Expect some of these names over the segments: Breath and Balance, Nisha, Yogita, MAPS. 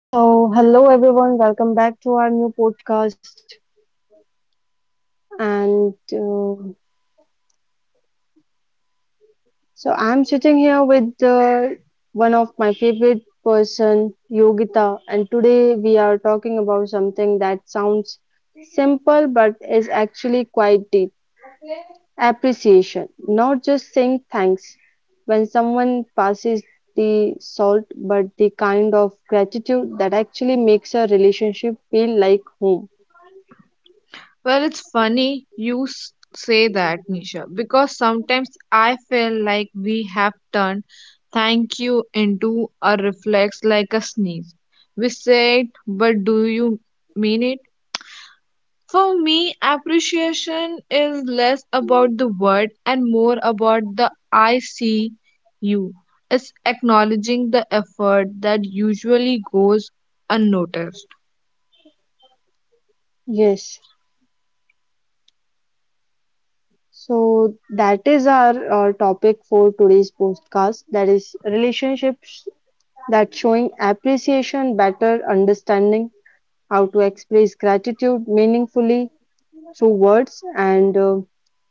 So, hello everyone, welcome back to our new podcast. And uh, I'm sitting here with one of my favorite person, Yogita, and today we are talking about something that sounds simple but is actually quite deep appreciation. Not just saying thanks when someone passes the salt, but the kind of gratitude that actually makes a relationship feel like home. Well, it's funny you say that, Nisha, because sometimes I feel like we have turned thank you into a reflex like a sneeze. We say it, but do you mean it? For me, appreciation is less about the word and more about the I see you. It's acknowledging the effort that usually goes unnoticed. Yes. So that is our topic for today's podcast. That is relationships that showing appreciation, better understanding how to express gratitude meaningfully through words and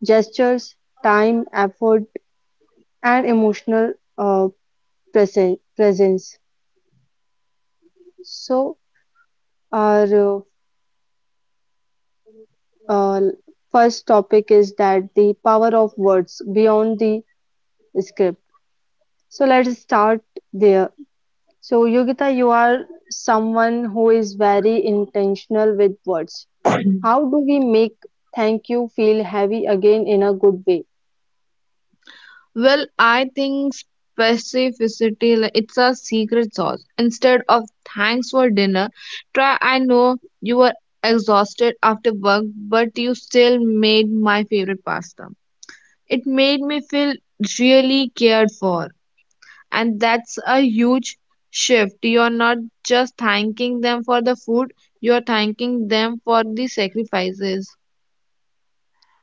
gestures, time, effort, and emotional presence. So our uh, first topic is that the power of words beyond the script. So let's start there. So, Yogita, you are someone who is very intentional with words. How do we make thank you feel heavy again in a good way? Well, I think specificity like, it's a secret sauce. Instead of thanks for dinner, try I know you were exhausted after work, but you still made my favorite pasta. It made me feel really cared for, and that's a huge shift. You're not just thanking them for the food, you're thanking them for the sacrifices.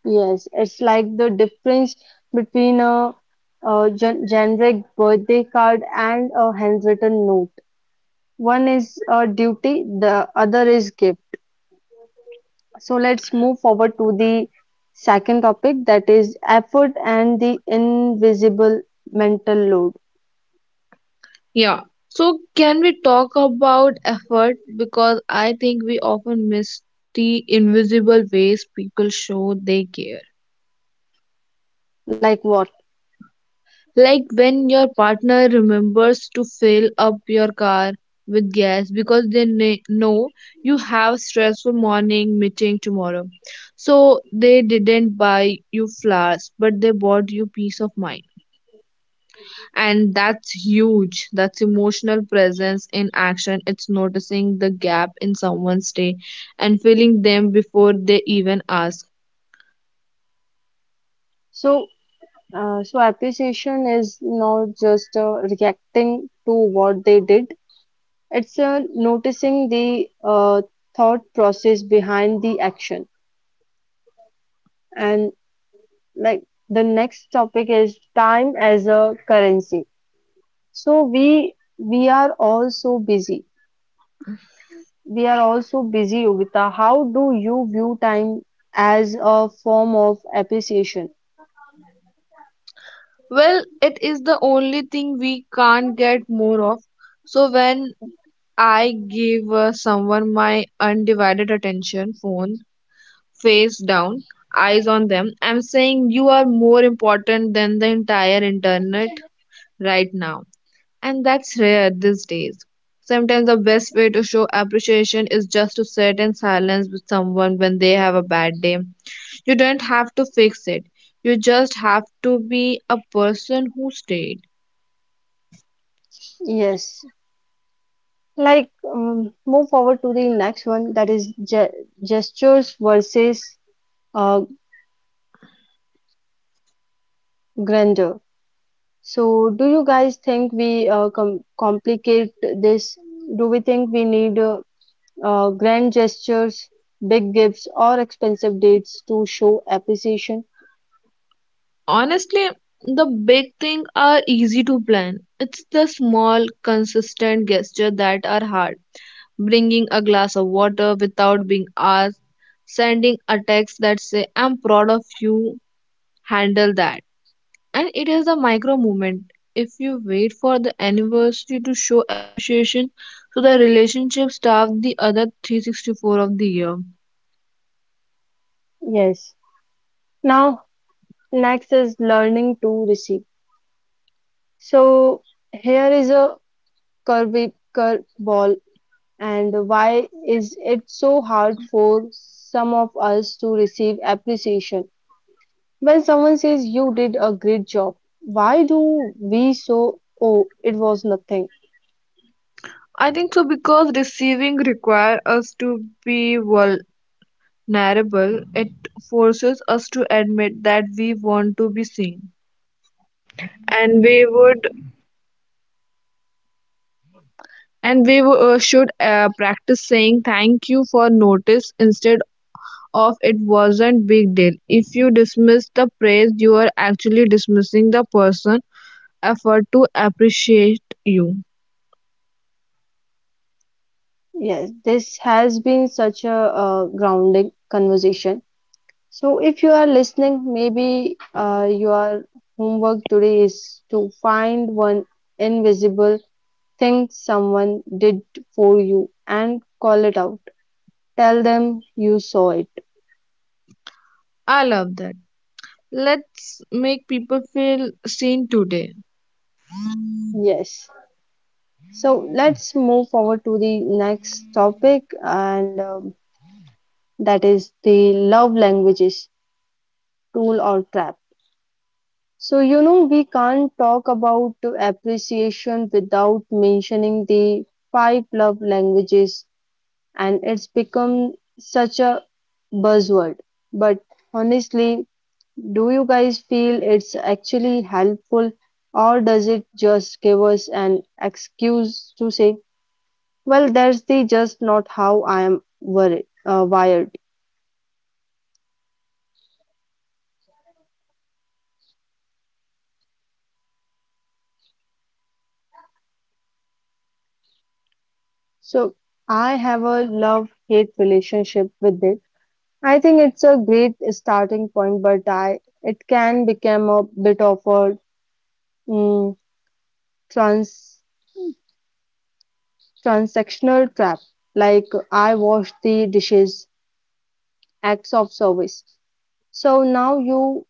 Yes, it's like the difference between a generic birthday card and a handwritten note. One is a duty, the other is gift. So, let's move forward to the second topic that is effort and the invisible mental load. Yeah. So can we talk about effort? Because I think we often miss the invisible ways people show they care. Like what? Like when your partner remembers to fill up your car with gas because they know you have stressful morning meeting tomorrow. So they didn't buy you flowers, but they bought you peace of mind. And that's huge. That's emotional presence in action. It's noticing the gap in someone's day and filling them before they even ask. So, so appreciation is not just reacting to what they did, it's noticing the thought process behind the action. And like the next topic is time as a currency. So we are all so busy. We are all so busy, Yogita. How do you view time as a form of appreciation? Well, it is the only thing we can't get more of. So when I give someone my undivided attention, phone face down, eyes on them, I'm saying you are more important than the entire internet right now. And that's rare these days. Sometimes the best way to show appreciation is just to sit in silence with someone when they have a bad day. You don't have to fix it, you just have to be a person who stayed. Yes. Like, move forward to the next one that is ge gestures versus uh, grandeur. So, do you guys think we complicate this? Do we think we need grand gestures, big gifts, or expensive dates to show appreciation? Honestly, the big things are easy to plan. It's the small, consistent gestures that are hard. Bringing a glass of water without being asked, sending a text that say, I'm proud of you, handle that. And it is the micro movement. If you wait for the anniversary to show appreciation, so the relationship starts the other 364 of the year. Yes. Now, next is learning to receive. So, here is a curvy curveball. And why is it so hard for some of us to receive appreciation? When someone says you did a great job, why do we so, oh, it was nothing? I think so because receiving requires us to be vulnerable, it forces us to admit that we want to be Yes, this has been such a grounding conversation. So, if you are listening, maybe your homework today is to find one invisible thing someone did for you and call it out. Tell them you saw it. I love that. Let's make people feel seen today. Yes. So let's move forward to the next topic, and that is the love languages tool or trap. So, you know, we can't talk about appreciation without mentioning the five love languages, and it's become such a buzzword. But honestly, do you guys feel it's actually helpful, or does it just give us an excuse to say, well, that's the just not how I am wired. So I have a love-hate relationship with it. I think it's a great starting point, but I it can become a bit of a mm, trans transactional trap. Like I wash the dishes, acts of service. So now you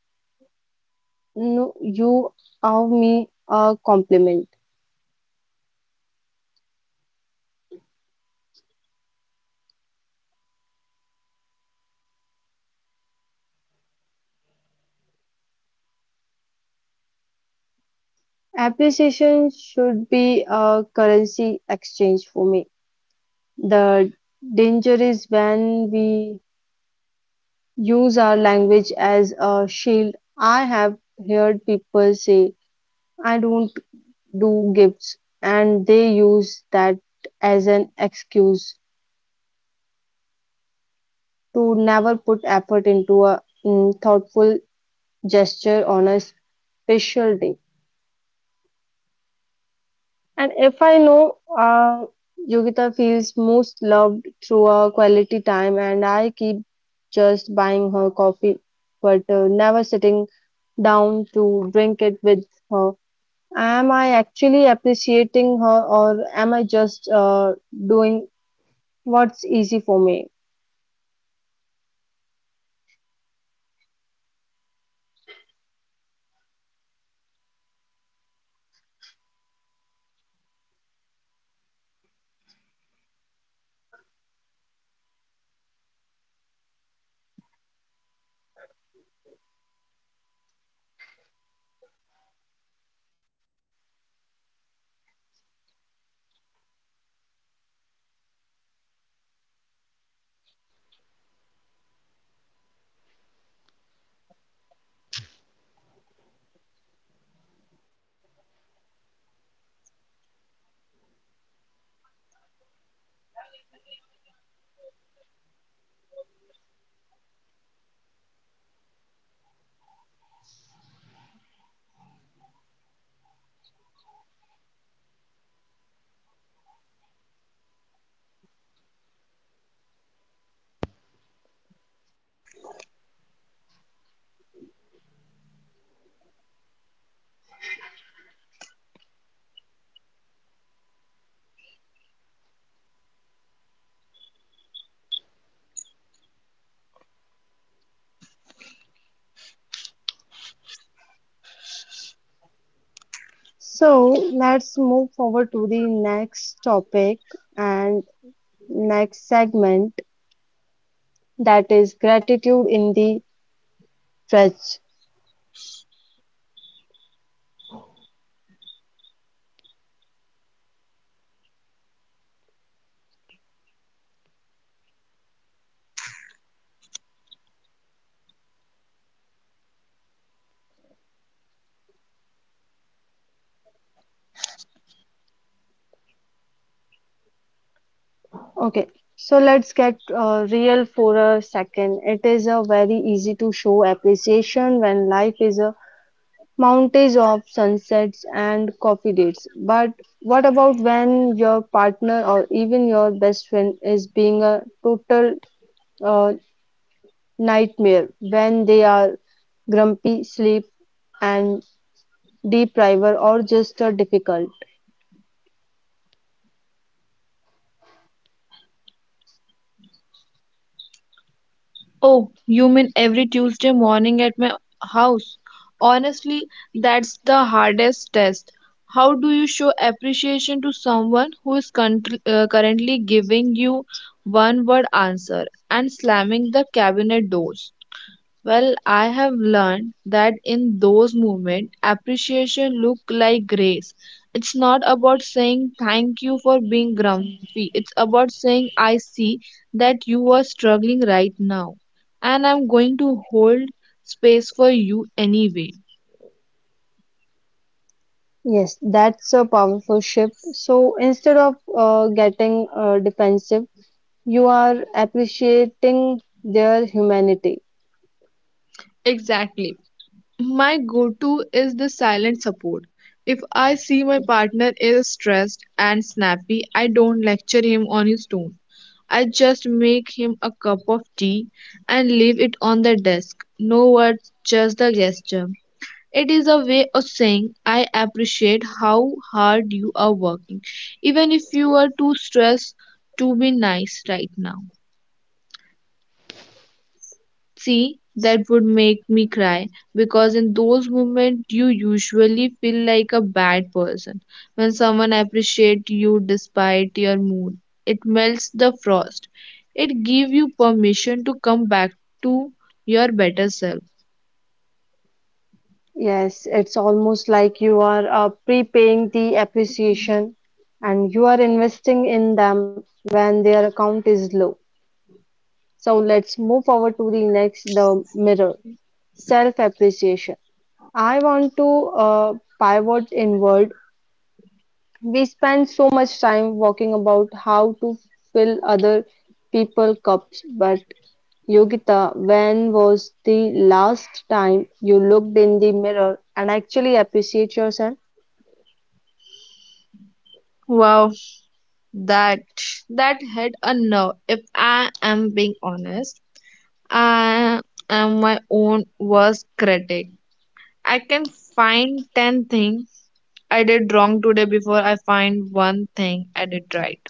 you owe me a compliment. Appreciation should be a currency exchange for me. The danger is when we use our language as a shield. I have heard people say, I don't do gifts, and they use that as an excuse to never put effort into a thoughtful gesture on a special day. And if I know Yogita feels most loved through a quality time, and I keep just buying her coffee but never sitting down to drink it with her, am I actually appreciating her or am I just doing what's easy for me? So let's move forward to the next topic and next segment that is gratitude in the stretch. Okay, so let's get real for a second. It is a very easy to show appreciation when life is mountains of sunsets and coffee dates. But what about when your partner or even your best friend is being a total uh, nightmare? When they are grumpy, sleep, and depriver, or just difficult? Oh, you mean every Tuesday morning at my house? Honestly, that's the hardest test. How do you show appreciation to someone who is currently giving you one word answer and slamming the cabinet doors? Well, I have learned that in those moments, appreciation look like grace. It's not about saying thank you for being grumpy. It's about saying I see that you are struggling right now, and I'm going to hold space for you anyway. Yes, that's a powerful shift. So instead of getting defensive, you are appreciating their humanity. Exactly. My go to is the silent support. If I see my partner is stressed and snappy, I don't lecture him on his tone. I just make him a cup of tea and leave it on the desk. No words, just the gesture. It is a way of saying, I appreciate how hard you are working, even if you are too stressed to be nice right now. See, that would make me cry because in those moments you usually feel like a bad person. When someone appreciates you despite your mood, it melts the frost. It gives you permission to come back to your better self. Yes, it's almost like you are prepaying the appreciation and you are investing in them when their account is low. So let's move forward to the next, the mirror, self-appreciation. I want to pivot inward. We spend so much time talking about how to fill other people cups, but Yogita, when was the last time you looked in the mirror and actually appreciate yourself? Wow, that that had a nerve. If I am being honest, I am my own worst critic. I can find 10 things I did wrong today before I find one thing I did right.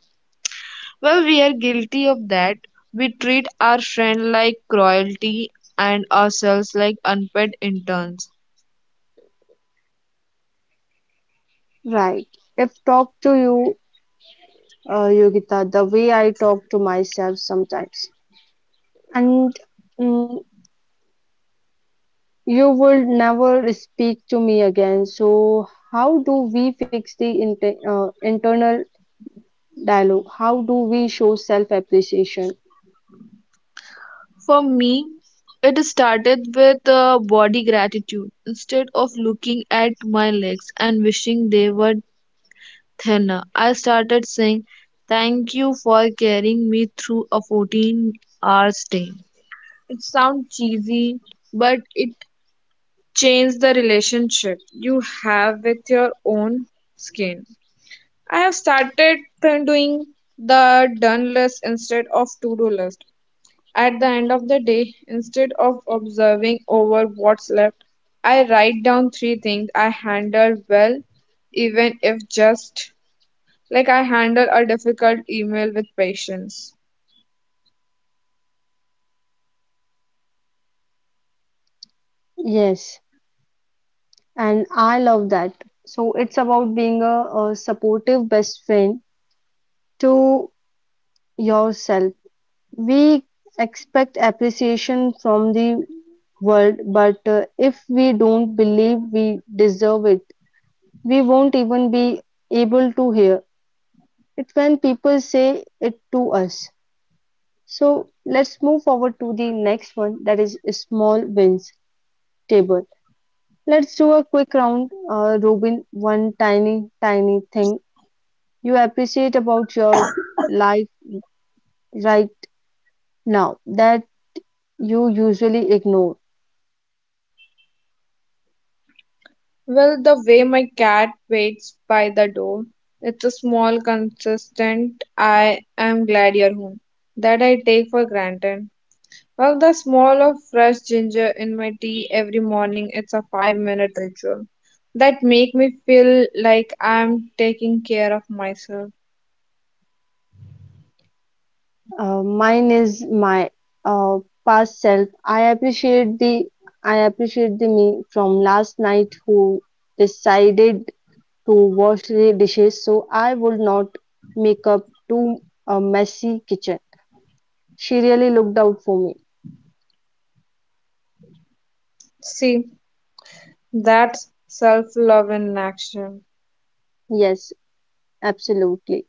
Well, we are guilty of that. We treat our friend like royalty and ourselves like unpaid interns. Right. If talk to you, Yogita, the way I talk to myself sometimes, and mm, you will never speak to me again. So, how do we fix the internal dialogue? How do we show self-appreciation? For me, it started with body gratitude. Instead of looking at my legs and wishing they were thinner, I started saying, Thank you for carrying me through a 14-hour day. It sounds cheesy, but it change the relationship you have with your own skin. I have started doing the done list instead of to do list. At the end of the day, instead of observing over what's left, I write down three things I handled well, even if just like I handle a difficult email with patience. Yes, and I love that. So, it's about being a supportive best friend to yourself. We expect appreciation from the world, but if we don't believe we deserve it, we won't even be able to hear it when people say it to us. So let's move forward to the next one that is small wins table. Let's do a quick round, Robin. One tiny, tiny thing you appreciate about your life right now that you usually ignore. Well, the way my cat waits by the door, it's a small consistent I am glad you're home that I take for granted. Well, the smell of fresh ginger in my tea every morning, it's a 5 minute ritual that make me feel like I'm taking care of myself. Mine is my uh, past self. I appreciate the me from last night who decided to wash the dishes so I would not make up too a messy kitchen. She really looked out for me. See, that's self-love in action. Yes, absolutely.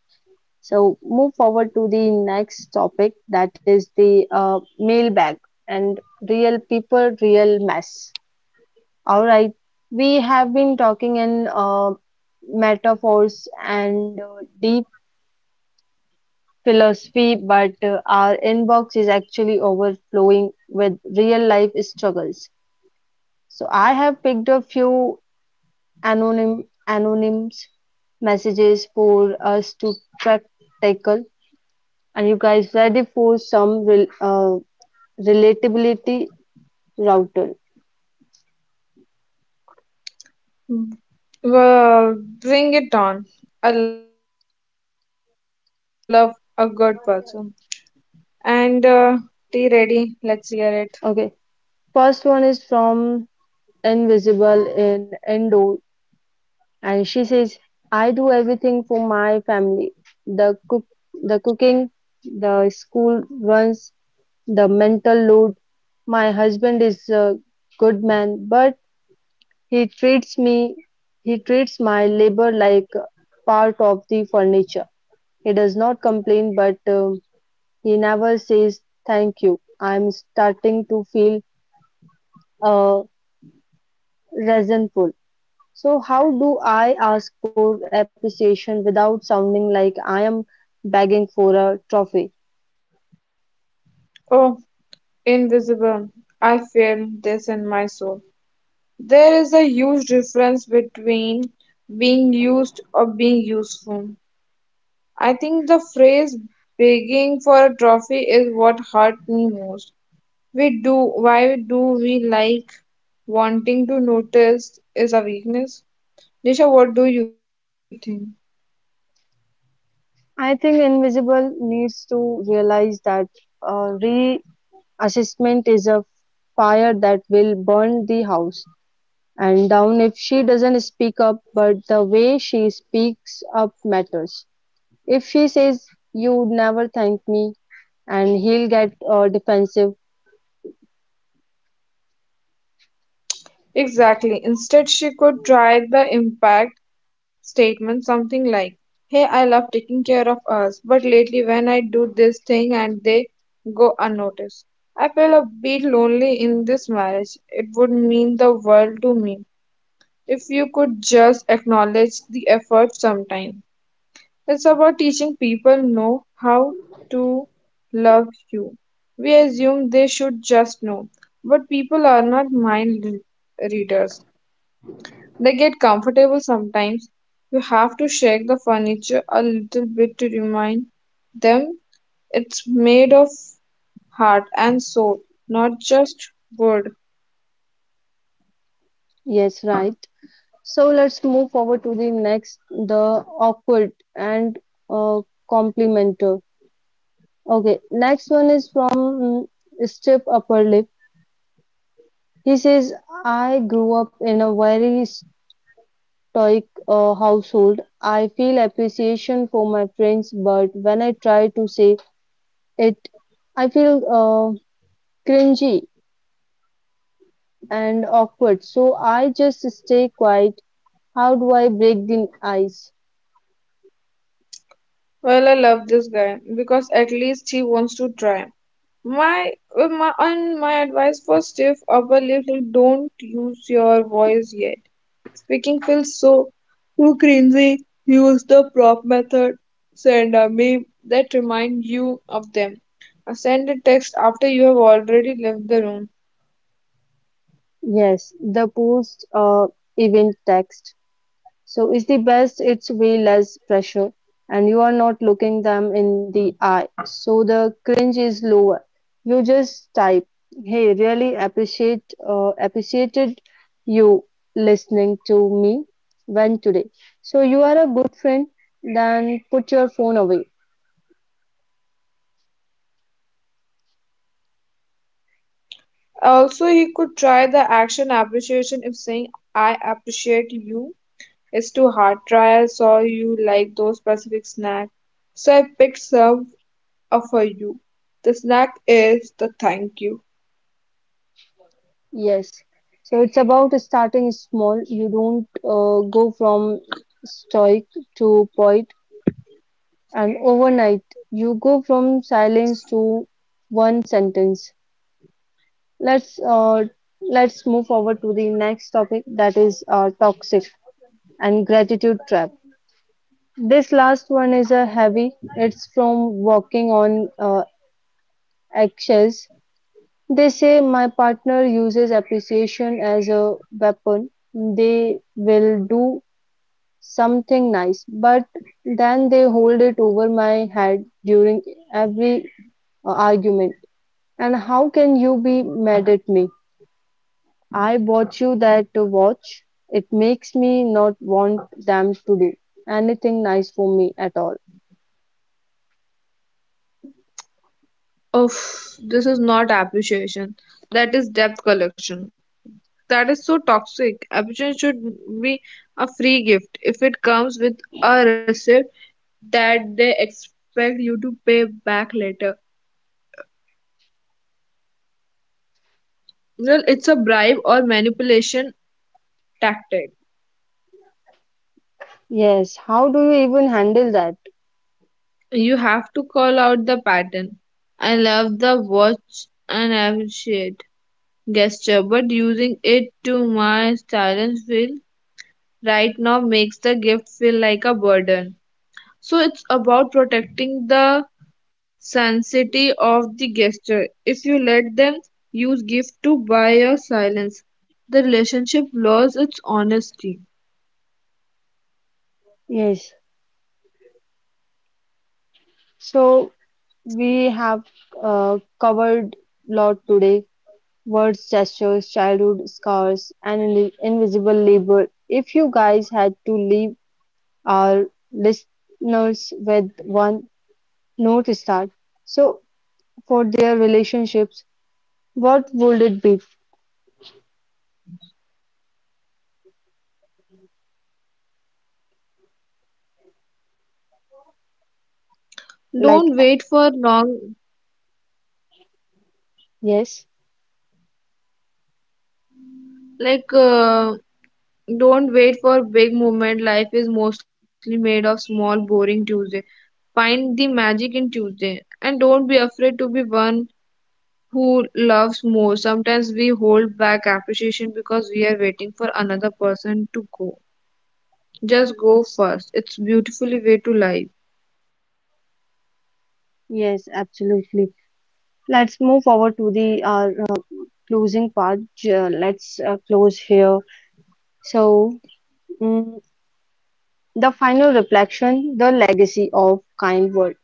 So move forward to the next topic that is the mailbag and real people, real mess. All right. We have been talking in metaphors and deep philosophy, but our inbox is actually overflowing with real life struggles. So I have picked a few anonyms messages for us to track tackle. Are you guys ready for some relatability router? Well, bring it on. I love a good person. And tea ready, let's hear it. Okay, first one is from Invisible in Indo and she says, I do everything for my family, the cook the cooking, the school runs, the mental load. My husband is a good man, but he treats me he treats my labor like part of the furniture. He does not complain, but he never says thank you. I'm starting to feel uh, resentful. So, how do I ask for appreciation without sounding like I am begging for a trophy? Oh, invisible, I feel this in my soul. There is a huge difference between being used or being useful. I think the phrase begging for a trophy is what hurt me most. We do, why do we like wanting to notice is a weakness? Nisha, what do you think? I think Invisible needs to realize that uh, reassessment is a fire that will burn the house and down if she doesn't speak up, but the way she speaks up matters. If she says, you never thank me, and he'll get defensive, Exactly. Instead, she could try the impact statement, something like, Hey, I love taking care of us, but lately when I do this thing and they go unnoticed, feel a bit lonely in this marriage. It would mean the world to me if you could just acknowledge the effort sometime. It's about teaching people know how to love you. We assume they should just know, but people are not mind readers. They get comfortable sometimes. You have to shake the furniture a little bit to remind them it's made of heart and soul, not just wood. yes, right. So let's move forward to the next, the awkward and uh, complimenter. Okay, next one is from Step Upper Lip. He says, I grew up in a very stoic household. I feel appreciation for my friends, but when I try to say it, I feel cringy and awkward. So I just stay quiet. How do I break the ice? Well, I love this guy because at least he wants to try. My, my and my advice for stiff upper lip like don't use your voice yet. Speaking feels so too cringy. Use the prop method. Send a meme that remind you of them. Send a text after you have already left the room. Yes, the post event text. So is the best, it's way less pressure and you are not looking them in the eye. So the cringe is lower. You just type, "Hey, really appreciated you listening to me when today." So you are a good friend, then put your phone away. Also, he could try the action appreciation if saying I appreciate you is too hard. Try I saw you like those specific snacks. So I picked some offer you. The snack is the thank you. Yes. So it's about starting small. You don't go from stoic to poet and overnight, you go from silence to one sentence. Let's uh, let's move forward to the next topic that is toxic and gratitude trap. This last one is a heavy. It's from walking on eggshells. They say my partner uses appreciation as a weapon. They will do something nice, but then they hold it over my head during every argument. And how can you be mad at me? I bought you that watch. It makes me not want them to do anything nice for me at all. Oh, this is not appreciation. That is debt collection. That is so toxic. Appreciation should be a free gift. If it comes with a receipt that they expect you to pay back later, well, it's a bribe or manipulation tactic. Yes, how do you even handle that? You have to call out the pattern. I love the watch and appreciate gesture, but using it to my silence feels right now makes the gift feel like a burden. So it's about protecting the sanctity of the gesture. If you let them use gift to buy your silence, the relationship loses its honesty. Yes. So we have covered lot today. Words, gestures, childhood scars, and in invisible labor. If you guys had to leave our listeners with one note to start, so for their relationships, what would it be? Like, Don't wait for long, yes. like don't wait for big moment. Life is mostly made of small, boring Tuesday. Find the magic in Tuesday, and don't be afraid to be one who loves more. Sometimes we hold back appreciation because we are waiting for another person to go. Just go first. It's beautifully way to life. Yes, absolutely. Let's move forward to the closing part. Let's close here. So, mm, the final reflection, the legacy of kind word.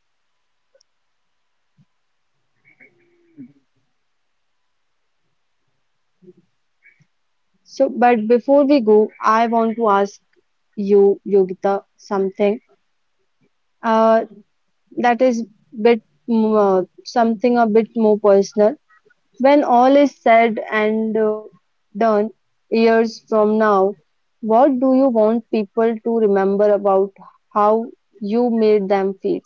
So, but before we go, I want to ask you, Yogita, something uh, that is bit something a bit more personal. When all is said and done, years from now, what do you want people to remember about how you made them feel?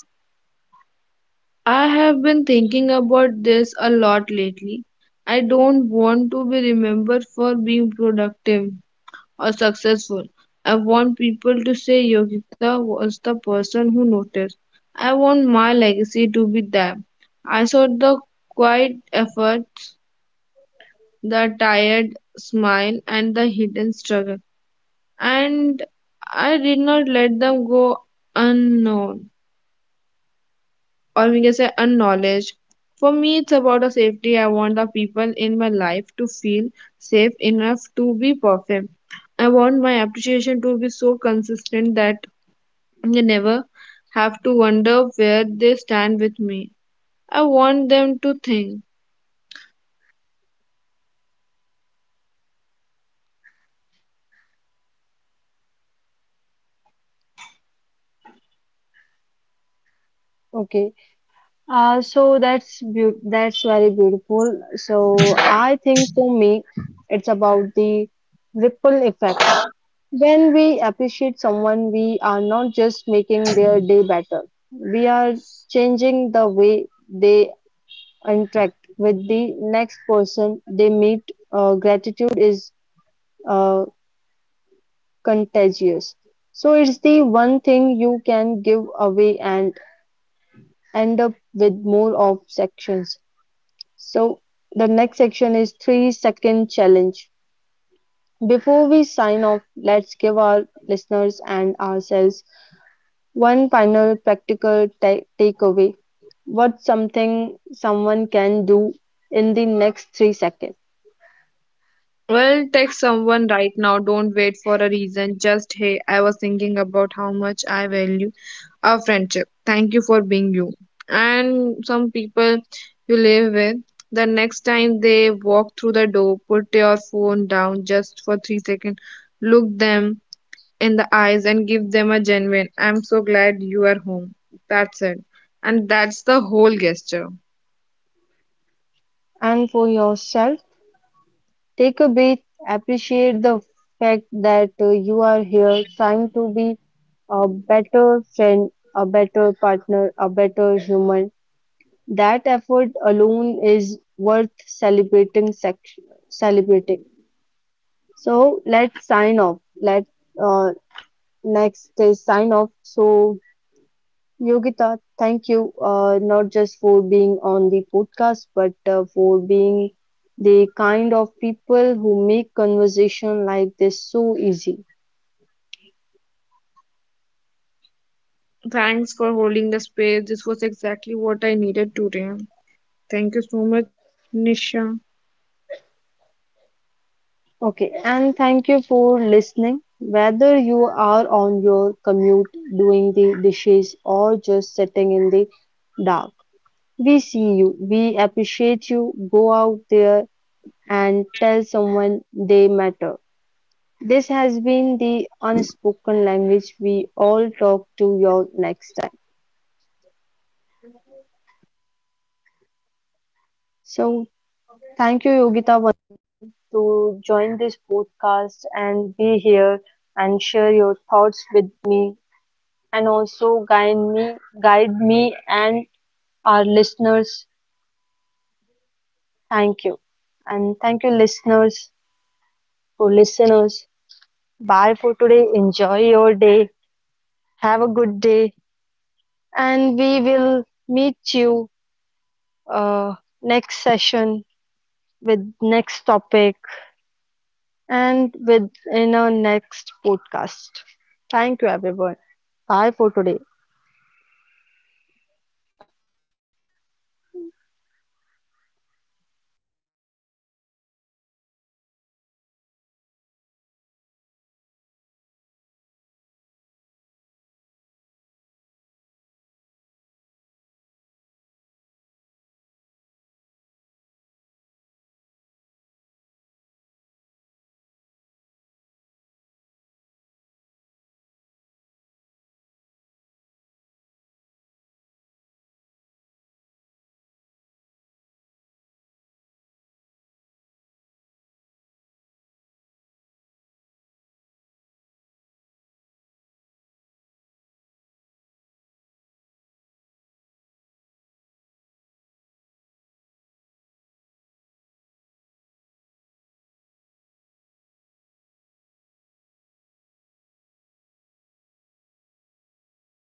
I have been thinking about this a lot lately. I don't want to be remembered for being productive or successful. I want people to say Yogita was the person who noticed. I want my legacy to be that. I saw the quiet efforts the tired smile, and the hidden struggle. And I did not let them go unknown or we can say unknowledged. For me, it's about the safety. I want the people in my life to feel safe enough to be perfect. I want my appreciation to be so consistent that they never have to wonder where they stand with me. I want them to think. Okay, so that's very beautiful. So I think for me, it's about the ripple effect. When we appreciate someone, we are not just making their day better, we are changing the way they interact with the next person they meet, gratitude is uh, contagious. So it's the one thing you can give away and end up with more of sections. So the next section is 3-second challenge. Before we sign off, let's give our listeners and ourselves one final practical takeaway. What's something someone can do in the next 3 seconds? Well, text someone right now. Don't wait for a reason. Just, hey, I was thinking about how much I value our friendship. Thank you for being you. And some people you live with, the next time they walk through the door, put your phone down just for 3 seconds. Look them in the eyes and give them a genuine, I'm so glad you are home. That's it. And that's the whole gesture. And for yourself, take a breath, appreciate the fact that you are here trying to be a better friend, a better partner, a better human. That effort alone is worth celebrating. Celebrating. So let's sign off. Let uh, next is sign off. So Yogita, thank you, not just for being on the podcast, but for being the kind of people who make conversation like this so easy. Thanks for holding the space. This was exactly what I needed today. Thank you so much, Nisha. Okay, and thank you for listening. Whether you are on your commute, doing the dishes, or just sitting in the dark, we see you, we appreciate you. Go out there and tell someone they matter. This has been the unspoken language we all talk to your next time. So thank you, Yogita, once to join this podcast and be here and share your thoughts with me and also guide me and our listeners. Thank you. And thank you, listeners, for listeners. Bye for And thank today. you, Enjoy your day. Have a and thank good you day. so much, Nisha, for And calling we me will on meet your podcast. you uh, next session with next topic and with in our next podcast. Thank you everyone. Bye for today.